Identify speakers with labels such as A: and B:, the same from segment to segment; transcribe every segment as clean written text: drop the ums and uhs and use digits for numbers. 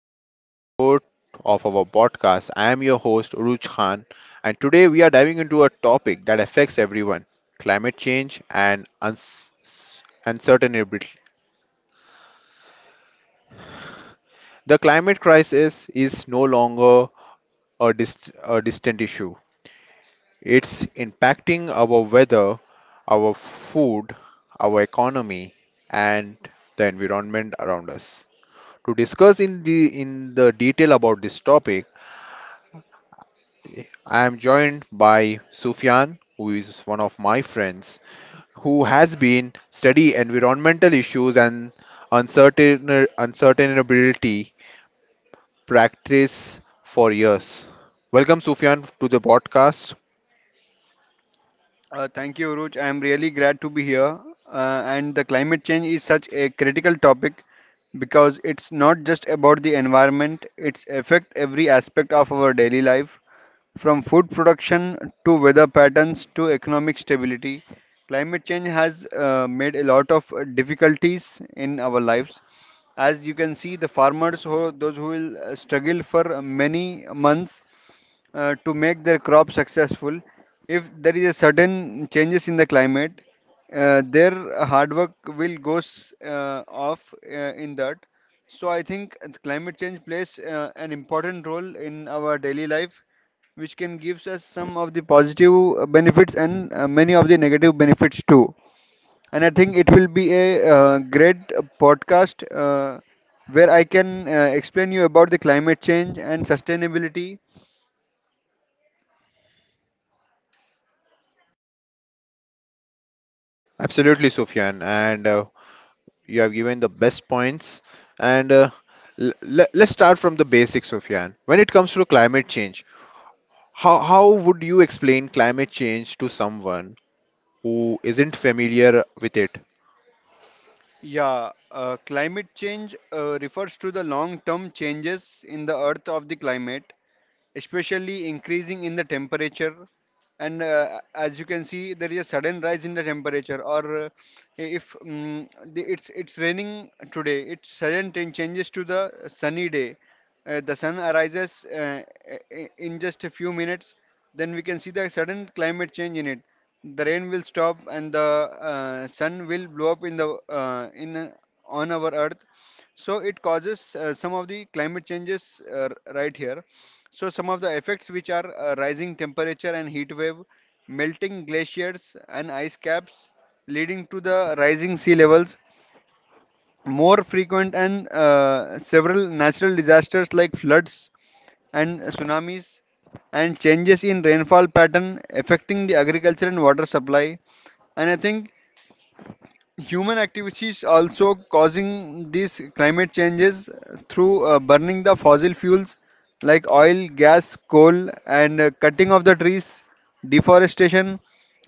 A: today's episode of our podcast. I am your host, Uruj Khan, and today we are diving into a topic that affects everyone: climate change and uncertainty. The climate crisis is no longer a distant issue. It's impacting our weather, our food, our economy, and the environment around us. To discuss in the detail about this topic, I am joined by Sufyan, who is one of my friends, who has been study environmental issues and uncertain uncertainability practice for years. Welcome, Sufyan, to the podcast.
B: Thank you, Uruj. I am really glad to be here. And the climate change is such a critical topic because it's not just about the environment, it's affect every aspect of our daily life. From food production to weather patterns to economic stability, climate change has made a lot of difficulties in our lives. As you can see, the farmers, who, those who will struggle for many months to make their crop successful. If there is a sudden changes in the climate, their hard work will goes off in that. So I think climate change plays an important role in our daily life, which can gives us some of the positive benefits and many of the negative benefits too. And I think it will be a great podcast where I can explain you about the climate change and sustainability.
A: Absolutely, Sufyan, and you have given the best points. And let's start from the basics, Sufyan. When it comes to climate change, how would you explain climate change to someone who isn't familiar with it?
B: Yeah, climate change refers to the long term changes in the earth of the climate, especially increasing in the temperature. And as you can see there is a sudden rise in the temperature, or if mm the, it's raining today, it sudden changes to the sunny day. The sun arises in just a few minutes, then we can see the sudden climate change in it. The rain will stop and the sun will blow up in the in on our earth. So it causes some of the climate changes right here. So some of the effects which are rising temperature and heat wave, melting glaciers and ice caps, leading to the rising sea levels, more frequent and several natural disasters like floods and tsunamis, and changes in rainfall pattern affecting the agriculture and water supply. And I think human activities also causing these climate changes through burning the fossil fuels like oil, gas, coal, and cutting of the trees, deforestation,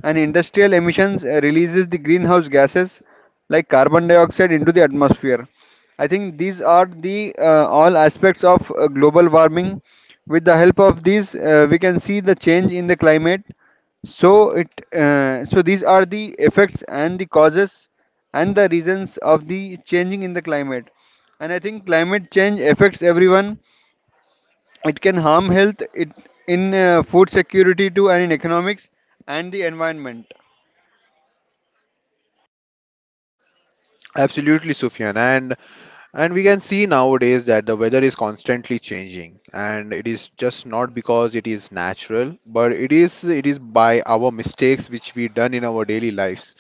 B: and industrial emissions releases the greenhouse gases like carbon dioxide into the atmosphere. I think these are the all aspects of global warming. With the help of these, we can see the change in the climate. So it uh, so these are the effects and the causes and the reasons of the changing in the climate. And I think climate change affects everyone. It can harm health, it in food security too, and in economics and the environment.
A: Absolutely, Sufyan. And we can see nowadays that the weather is constantly changing, and it is just not because it is natural, but it is by our mistakes which we done in our daily lives,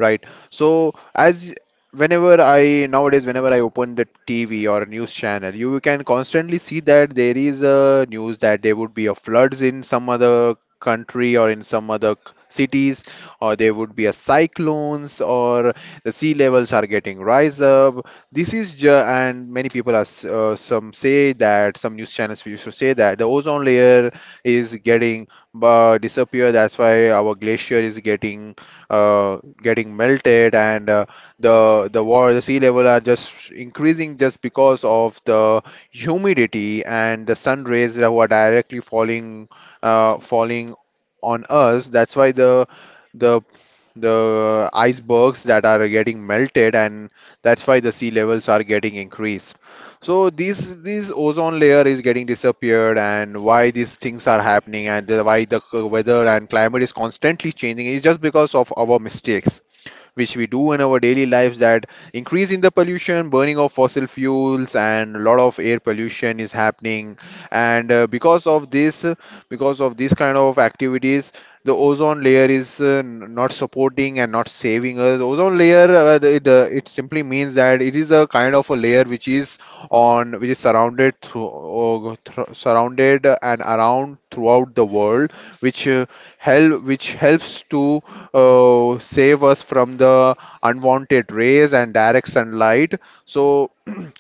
A: right? So, as whenever I nowadays whenever I open the TV or news channel, you can constantly see that there is a news that there would be a floods in some other country or in some other cities, or there would be a cyclones, or the sea levels are getting rise up. And many people are some say that some news channels used to say that the ozone layer is getting disappear, that's why our glacier is getting melted, and the water, the sea level are just increasing just because of the humidity and the sun rays that were directly falling on us. That's why the the icebergs that are getting melted, and that's why the sea levels are getting increased. So, these ozone layer is getting disappeared, and why these things are happening, and why the weather and climate is constantly changing, is just because of our mistakes which we do in our daily lives, that increase in the pollution, burning of fossil fuels, and a lot of air pollution is happening. And because of these kind of activities, the ozone layer is not supporting and not saving us. Ozone layer, it simply means that it is a kind of a layer which is on, which is surrounded through, surrounded and around throughout the world, which help which helps to save us from the unwanted rays and direct sunlight. So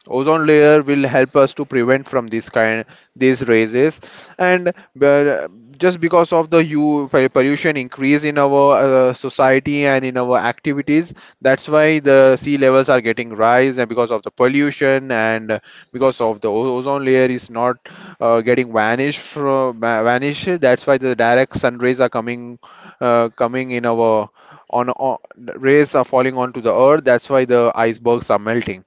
A: ozone layer will help us to prevent from this kind, these raises. And uh, just because of the u pollution increase in our society and in our activities, that's why the sea levels are getting rise, and because of the pollution, and because of the ozone layer is not getting vanished from vanish, that's why the direct sun rays are coming in our on rays are falling onto the earth, that's why the icebergs are melting.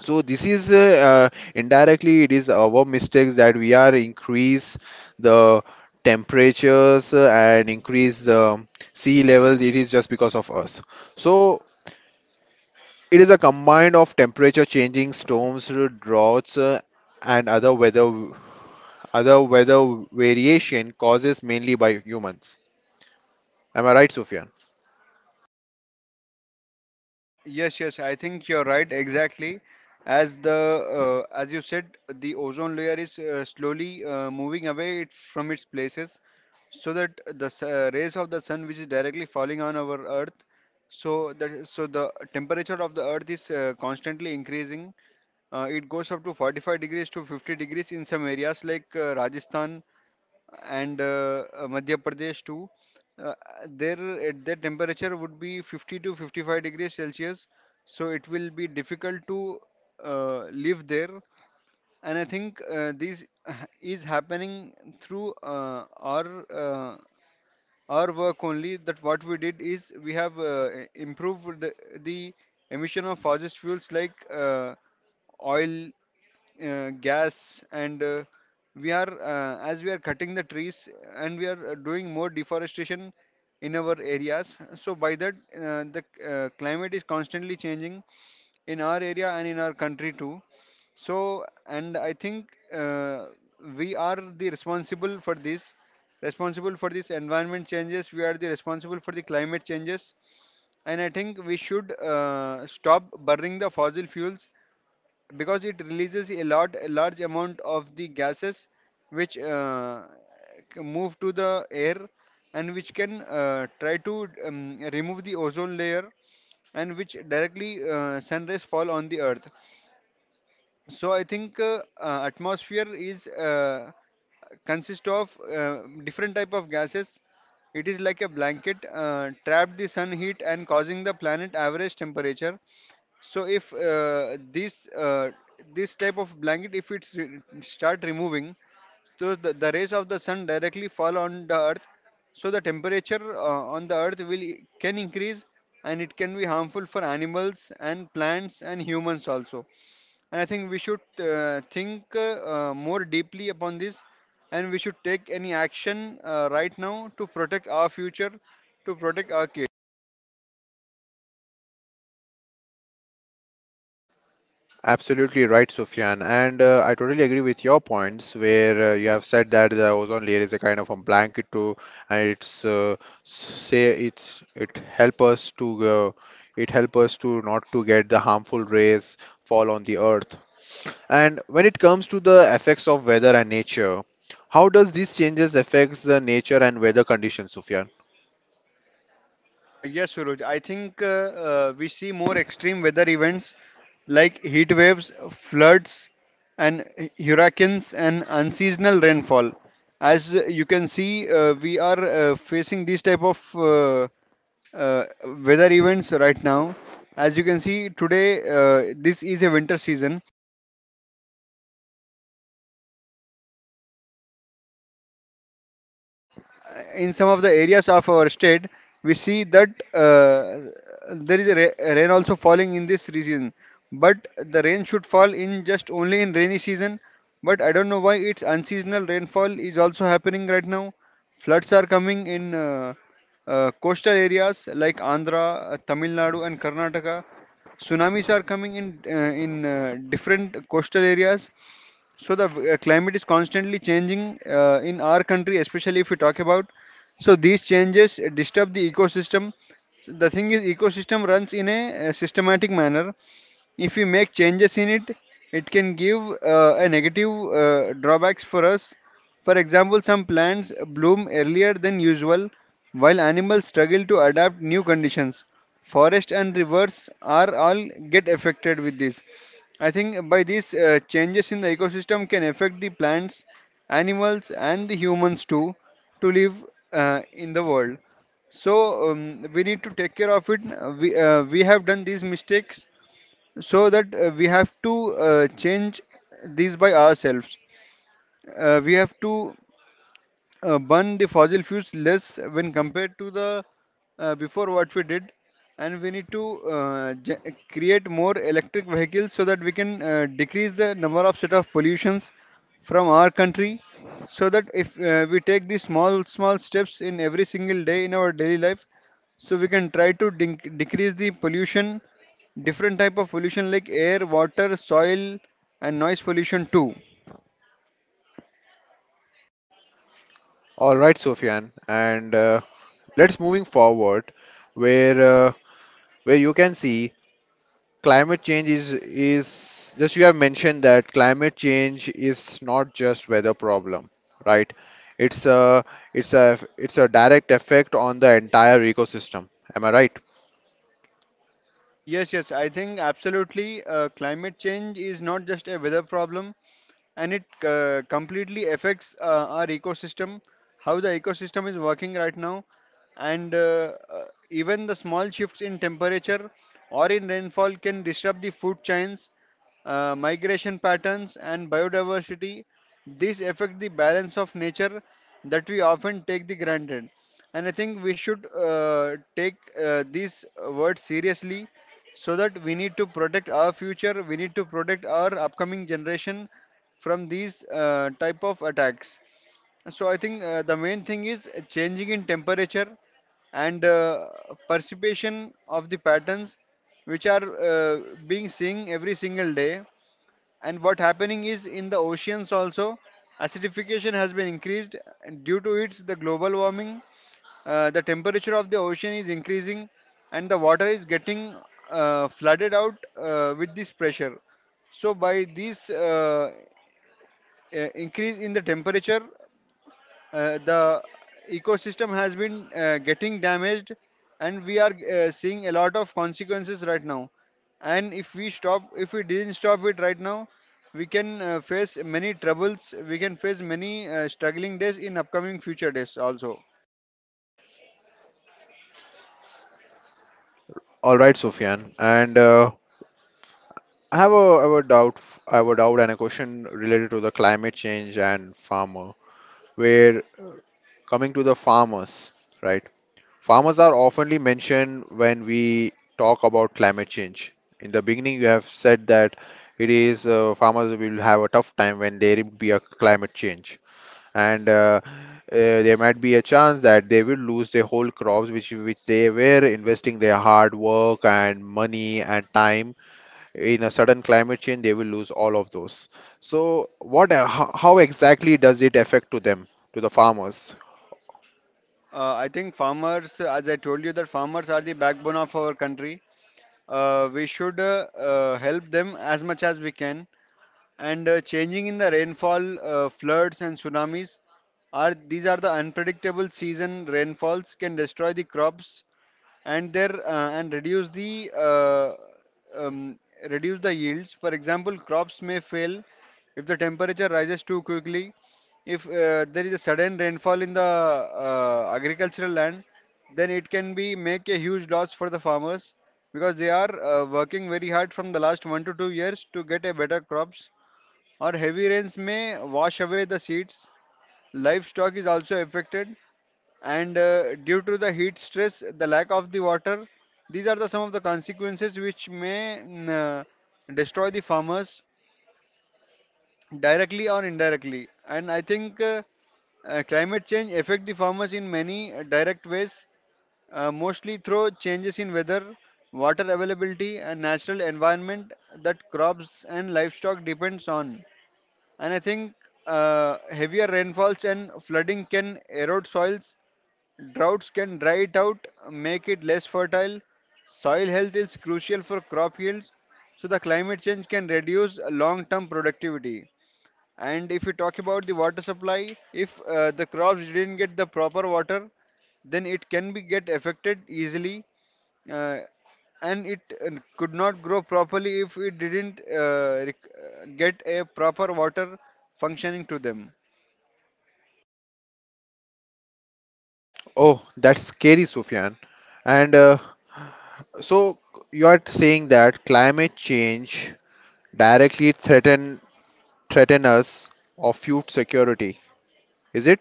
A: So, this is indirectly it is our mistakes that we are increase the temperatures, and increase the sea level. It is just because of us. So, it is a combined of temperature changing, storms, droughts, and other weather variation causes mainly by humans. Am I right, Sophia?
B: Yes, yes, I think you're right. Exactly, as you said, the ozone layer is slowly moving away from its places, so that the rays of the sun, which is directly falling on our Earth, so the temperature of the Earth is constantly increasing. It goes up to 45 degrees to 50 degrees in some areas like Rajasthan and Madhya Pradesh too. Uh, there, at the temperature would be 50 to 55 degrees Celsius, so it will be difficult to live there. And I think this is happening through our work only. That what we did is we have improved the emission of fossil fuels like oil gas, and we are as we are cutting the trees, and we are doing more deforestation in our areas, so by that the climate is constantly changing in our area and in our country too. So and I think we are the responsible for this environment changes. We are the responsible for the climate changes. And I think we should stop burning the fossil fuels because it releases a large amount of the gases, which move to the air, and which can try to remove the ozone layer, and which directly sun rays fall on the earth. So I think atmosphere is consist of different type of gases. It is like a blanket trapped the sun heat and causing the planet average temperature. So if this type of blanket, if it's start removing, so the rays of the sun directly fall on the earth. So the temperature on the earth will can increase, and it can be harmful for animals and plants and humans also. And I think we should think more deeply upon this, and we should take any action right now to protect our future, to protect our kids.
A: Absolutely right, Sufyan. And I totally agree with your points, where you have said that the ozone layer is a kind of a blanket to, and it's say it's it help us to, it help us to not to get the harmful rays fall on the earth. And when it comes to the effects of weather and nature, how does these changes affects the nature and weather conditions, Sufyan?
B: Yes, Suraj. I think we see more extreme weather events like heat waves, floods, and hurricanes and unseasonal rainfall. As you can see, we are facing these type of uh, weather events right now. As you can see today, this is a winter season. In some of the areas of our state, we see that there is a rain also falling in this region. But the rain should fall in just only in rainy season. But I don't know why it's unseasonal rainfall is also happening right now. Floods are coming in coastal areas like Andhra, Tamil Nadu, and Karnataka. Tsunamis are coming in different coastal areas. So the climate is constantly changing in our country, especially if we talk about. So these changes disturb the ecosystem. So the thing is, ecosystem runs in a systematic manner. If we make changes in it, it can give a negative drawbacks for us. For example, some plants bloom earlier than usual, while animals struggle to adapt new conditions. Forest and rivers are all get affected with this. I think by these changes in the ecosystem can affect the plants, animals and the humans too to live in the world. So we need to take care of it. We we have done these mistakes, so that we have to change these by ourselves. We have to burn the fossil fuels less when compared to the before what we did, and we need to create more electric vehicles so that we can decrease the number of set of pollutions from our country. So that if we take these small steps in every single day in our daily life, so we can try to decrease the pollution, different type of pollution like air, water, soil, and noise pollution too.
A: All right, Sufyan, and let's moving forward where uh, where you can see climate change is just you have mentioned that climate change is not just weather problem, right? It's a it's a direct effect on the entire ecosystem. Am I right?
B: Yes, yes, I think absolutely climate change is not just a weather problem, and it completely affects our ecosystem, how the ecosystem is working right now. And even the small shifts in temperature or in rainfall can disrupt the food chains, migration patterns and biodiversity. These affect the balance of nature that we often take the granted. And I think we should take these words seriously, so that we need to protect our future, we need to protect our upcoming generation from these type of attacks. So I think the main thing is changing in temperature and perception of the patterns which are being seen every single day. And what happening is in the oceans also, acidification has been increased, and due to its the global warming, the temperature of the ocean is increasing, and the water is getting flooded out with this pressure. So, by this increase in the temperature, the ecosystem has been getting damaged, and we are seeing a lot of consequences right now. And if we didn't stop it right now, we can face many troubles. We can face many struggling days in upcoming future days also.
A: All right, Sufyan. And I have a doubt, I have a doubt and a question related to the climate change and farmer. Where coming to the farmers, right? Farmers are oftenly mentioned when we talk about climate change. In the beginning, you have said that it is farmers will have a tough time when there will be a climate change, and there might be a chance that they will lose their whole crops, which they were investing their hard work and money and time. In a sudden climate change, they will lose all of those. So, what? How exactly does it affect to them, to the farmers?
B: I think farmers, as I told you, that farmers are the backbone of our country. We should help them as much as we can. And changing in the rainfall, floods, and tsunamis are these are the unpredictable season rainfalls can destroy the crops, and their and reduce the um, yields. For example, crops may fail if the temperature rises too quickly. If there is a sudden rainfall in the agricultural land, then it can be make a huge loss for the farmers because they are working very hard from the last 1 to 2 years to get a better crops. Or heavy rains may wash away the seeds. Livestock is also affected, and due to the heat stress, the lack of the water. These are the some of the consequences which may destroy the farmers directly or indirectly. And i think uh, uh, climate change affect the farmers in many direct ways, mostly through changes in weather, water availability and natural environment that crops and livestock depends on. And i think uh, heavier rainfalls and flooding can erode soils. Droughts can dry it out, make it less fertile. Soil health is crucial for crop yields, so the climate change can reduce long-term productivity. And if you talk about the water supply, if the crops didn't get the proper water, then it can be get affected easily, uh, and it could not grow properly if it didn't get a proper water functioning to them.
A: Oh, that's scary, Sufyan. And So you are saying that climate change directly threaten us of food security. Is it?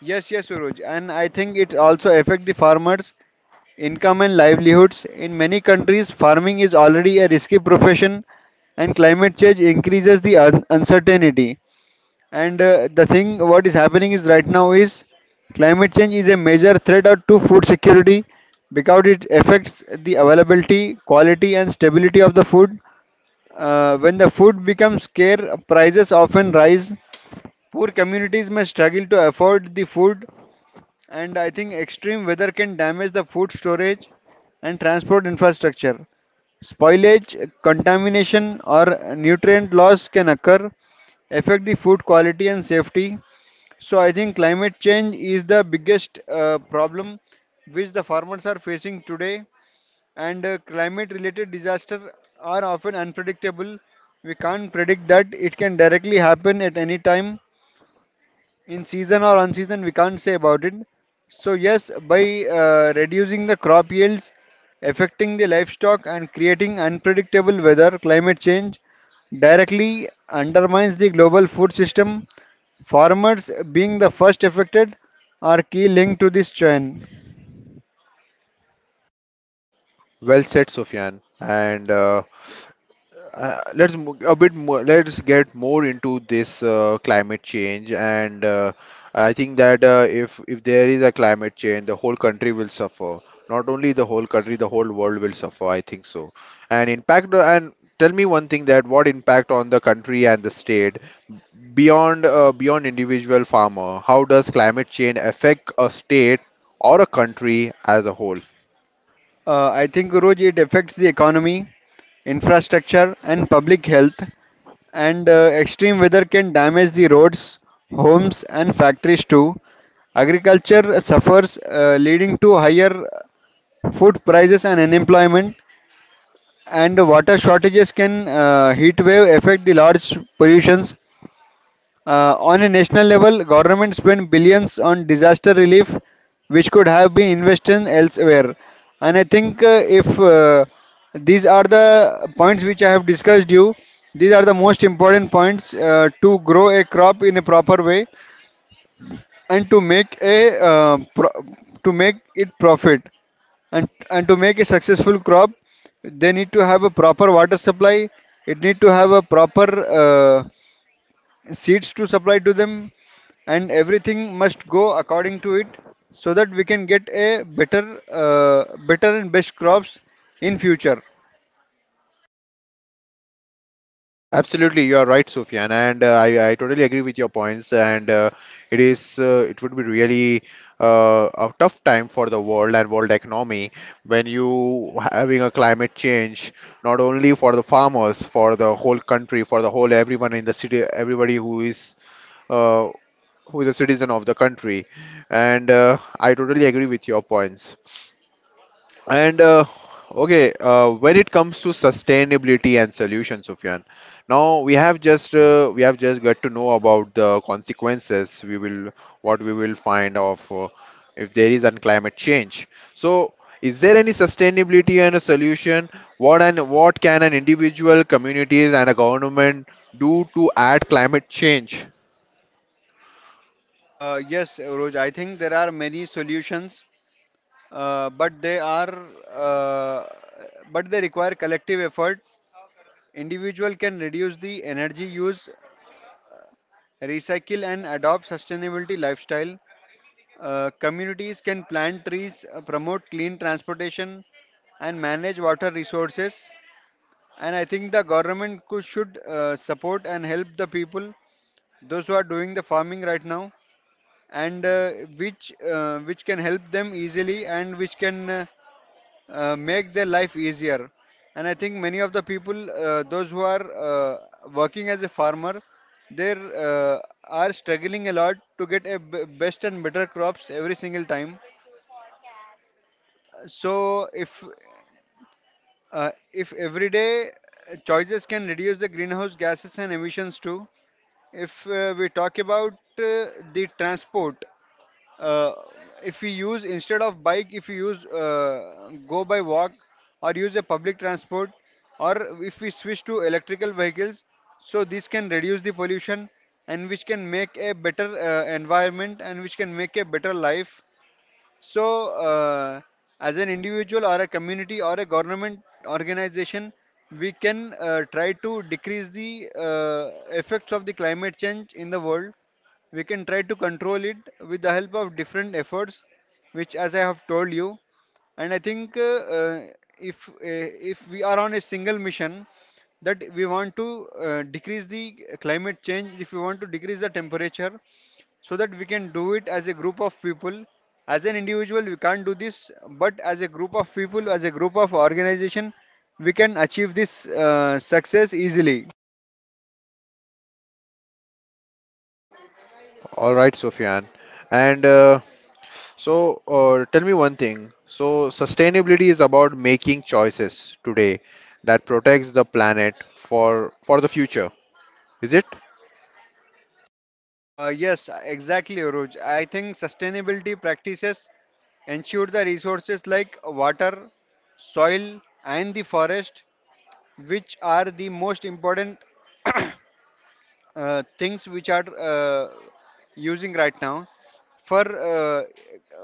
B: Yes, yes, Suraj, and I think it also affect the farmers' income and livelihoods. In many countries, farming is already a risky profession, and climate change increases the uncertainty. And The thing what is happening is right now is climate change is a major threat out to food security, because it affects the availability, quality, and stability of the food. When the food becomes scarce, prices often rise. Poor communities may struggle to afford the food, and I think extreme weather can damage the food storage and transport infrastructure. Spoilage, contamination, or nutrient loss can occur, affect the food quality and safety. So I think climate change is the biggest problem which the farmers are facing today. And Climate-related disasters are often unpredictable. We can't predict that. It can directly happen at any time. In season or unseason, we can't say about it. So yes, by reducing the crop yields, affecting the livestock and creating unpredictable weather, climate change directly undermines the global food system. Farmers, being the first affected, are key link to this chain.
A: Well said, Sufyan. And a bit more. Let's get more into this climate change. And I think that if there is a climate change, the whole country will suffer. Not only the whole country, the whole world will suffer. I think so. And impact and tell me one thing that what impact on the country and the state. Beyond individual farmer, how does climate change affect a state or a country as a whole?
B: I think, guruji, it affects the economy, infrastructure and public health. And Extreme weather can damage the roads, homes, and factories too. Agriculture suffers, leading to higher food prices and unemployment. And water shortages can, heat wave affect the large pollutions. On a national level, government spend billions on disaster relief, which could have been invested elsewhere. And I think if these are the points which I have discussed you. These are the most important points to grow a crop in a proper way and to make a to make it profit and to make a successful crop. They need to have a proper water supply. It need to have a proper seeds to supply to them, and everything must go according to it, so that we can get a better and best crops in future.
A: Absolutely, you are right, Sufyan, and I totally agree with your points. And it would be really a tough time for the world and world economy when you having a climate change, not only for the farmers, for the whole country, for the whole everyone in the city, everybody uh, who is a citizen of the country. And I totally agree with your points. And okay, when it comes to sustainability and solutions, Sufyan, now we have just got to know about the consequences we will, what we will find of, if there is an climate change. So, is there any sustainability and a solution? What can an individual, communities, and a government do to add climate change?
B: Yes, Roj, I think there are many solutions, uh, but they are, uh, but they require collective effort. Individual can reduce the energy use, recycle and adopt sustainability lifestyle. Communities can plant trees, promote clean transportation, and manage water resources. And I think the government could, should support and help the people, those who are doing the farming right now, and which can help them easily, and which can make their life easier. And I think many of the people, those who are working as a farmer, they are struggling a lot to get a best and better crops every single time. So if everyday choices can reduce the greenhouse gases and emissions too. If we talk about the transport, uh, if we use, instead of bike, if we use go by walk or use a public transport, or if we switch to electrical vehicles, so this can reduce the pollution, and which can make a better environment and which can make a better life. So as an individual or a community or a government organization, we can try to decrease the effects of the climate change in the world. We can try to control it with the help of different efforts, which, as I have told you. And I think uh, uh, if uh, if we are on a single mission, that we want to decrease the climate change, if we want to decrease the temperature, so that we can do it as a group of people. As an individual we can't do this, but as a group of people, as a group of organization, we can achieve this success easily.
A: All right, Sufyan. And tell me one thing. So, sustainability is about making choices today that protects the planet for the future. Is it?
B: Yes, exactly, Roj. I think sustainability practices ensure the resources like water, soil and the forest, which are the most important things which are using right now for uh,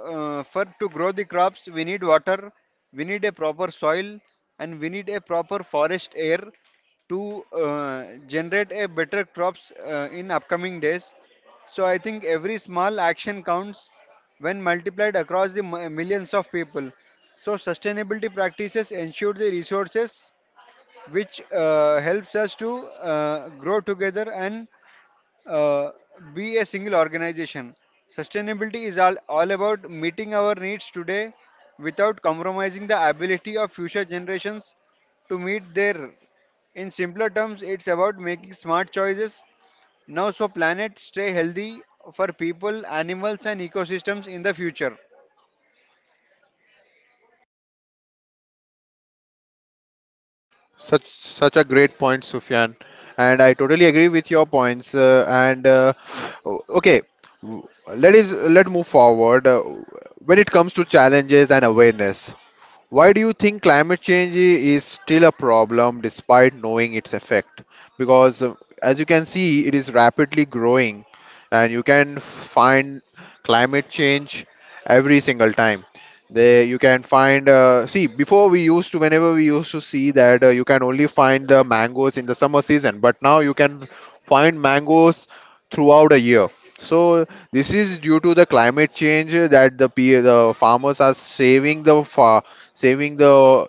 B: for to grow the crops. We need water, we need a proper soil, and we need a proper forest air to generate a better crops in upcoming days. So I think every small action counts when multiplied across the millions of people. So sustainability practices ensure the resources which helps us to grow together and uh, be a single organization. Sustainability is all about meeting our needs today without compromising the ability of future generations to meet their. In simpler terms, it's about making smart choices now, so planets stay healthy for people, animals, and ecosystems in the future.
A: Such a great point, Sufyan. And I totally agree with your points. Okay, w- let is let move forward. When it comes to challenges and awareness, why do you think climate change is still a problem despite knowing its effect? Because, as you can see, it is rapidly growing, and you can find climate change every single time. They, you can find, see, before we used to, whenever we used to see that you can only find the mangoes in the summer season, but now you can find mangoes throughout a year. So this is due to the climate change that the farmers are saving the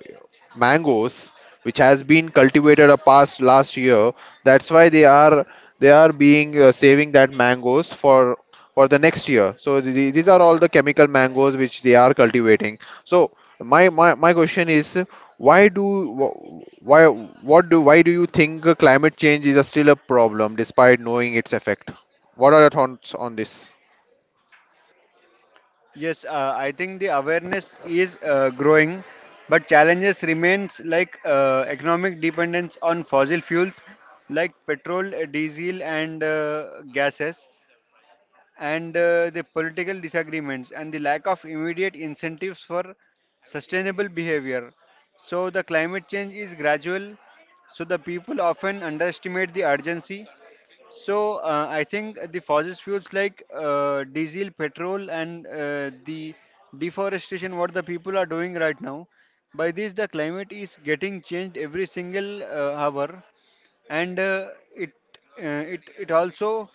A: mangoes which has been cultivated a past last year, that's why they are being saving that mangoes for the next year. So these are all the chemical mangoes which they are cultivating. So, my question is, why do wh- why what do why do you think climate change is a still a problem despite knowing its effect? What are your thoughts on this?
B: Yes, I think the awareness is growing, but challenges remains like economic dependence on fossil fuels like petrol, diesel, and gases, and the political disagreements and the lack of immediate incentives for sustainable behavior. So the climate change is gradual, so the people often underestimate the urgency. So I think the fossil fuels like diesel, petrol, and the deforestation, what the people are doing right now, by this the climate is getting changed every single hour, and uh, it uh, it it also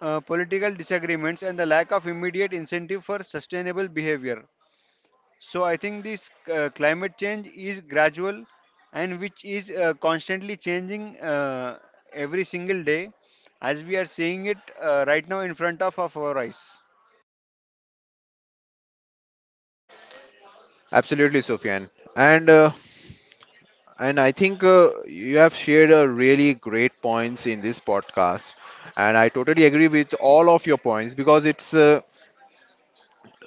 B: political disagreements and the lack of immediate incentive for sustainable behavior. So I think this climate change is gradual and which is constantly changing every single day, as we are seeing it right now in front of our eyes.
A: Absolutely, Sufyan. And I think you have shared really great points in this podcast, and I totally agree with all of your points, because it's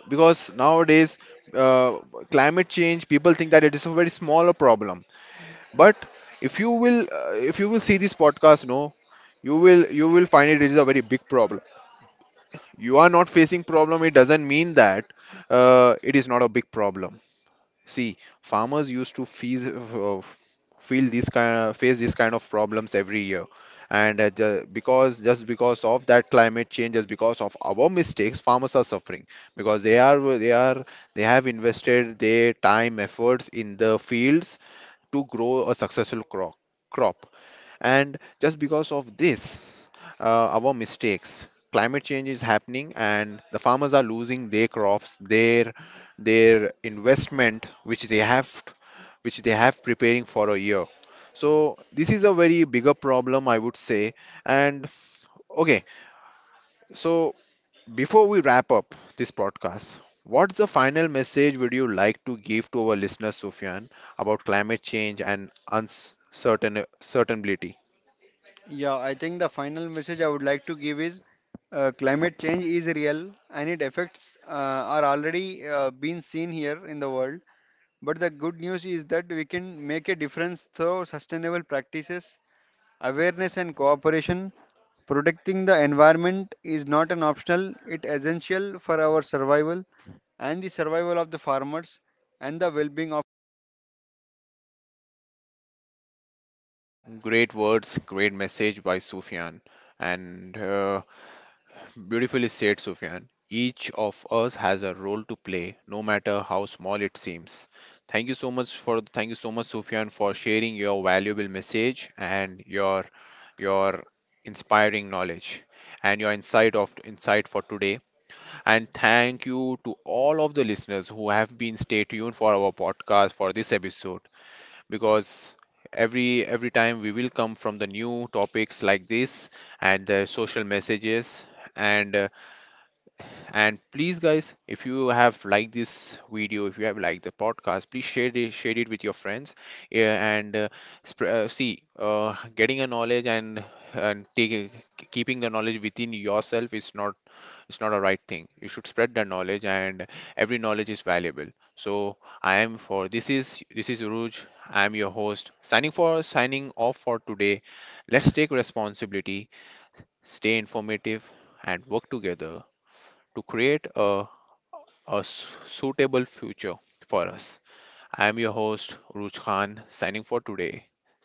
A: because nowadays uh, climate change, people think that it is a very smaller problem, but if you will see this podcast, no, you will find it is a very big problem. You are not facing problem. It doesn't mean that it is not a big problem. See, farmers used to feel this kind, face this kind of problems every year, and ju- because just because of that climate change, just because of our mistakes, farmers are suffering because they have invested their time efforts in the fields to grow a successful crop. Crop. And just because of this, our mistakes, climate change is happening, and the farmers are losing their crops, their investment, which they have preparing for a year. So this is a very bigger problem, I would say. And okay, so before we wrap up this podcast, what's the final message would you like to give to our listeners, Sufyan, about climate change and uncertain certainty?
B: Yeah, I think the final message I would like to give is climate change is real and it effects are already being seen here in the world. But the good news is that we can make a difference through sustainable practices, awareness and cooperation. Protecting the environment is not an optional, it essential for our survival and the survival of the farmers and the well-being of
A: Great words, great message by Sufyan, and beautifully said, Sufyan. Each of us has a role to play, no matter how small it seems. Thank you so much, Sufyan, for sharing your valuable message and your inspiring knowledge, and your insight for today. And thank you to all of the listeners who have been stay tuned for our podcast for this episode, because every time we will come from the new topics like this, and the social messages, and uh, and please guys, if you have liked this video, if you have liked the podcast, please share it with your friends. Yeah, and see, getting a knowledge and taking, keeping the knowledge within yourself is not, it's not a right thing. You should spread that knowledge, and every knowledge is valuable. So, I am for this is Uruj. I am your host, signing off for today. Let's take responsibility, stay informative, and work together to create a suitable future for us. I am your host, Uruj Khan,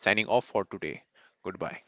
A: signing off for today. Goodbye.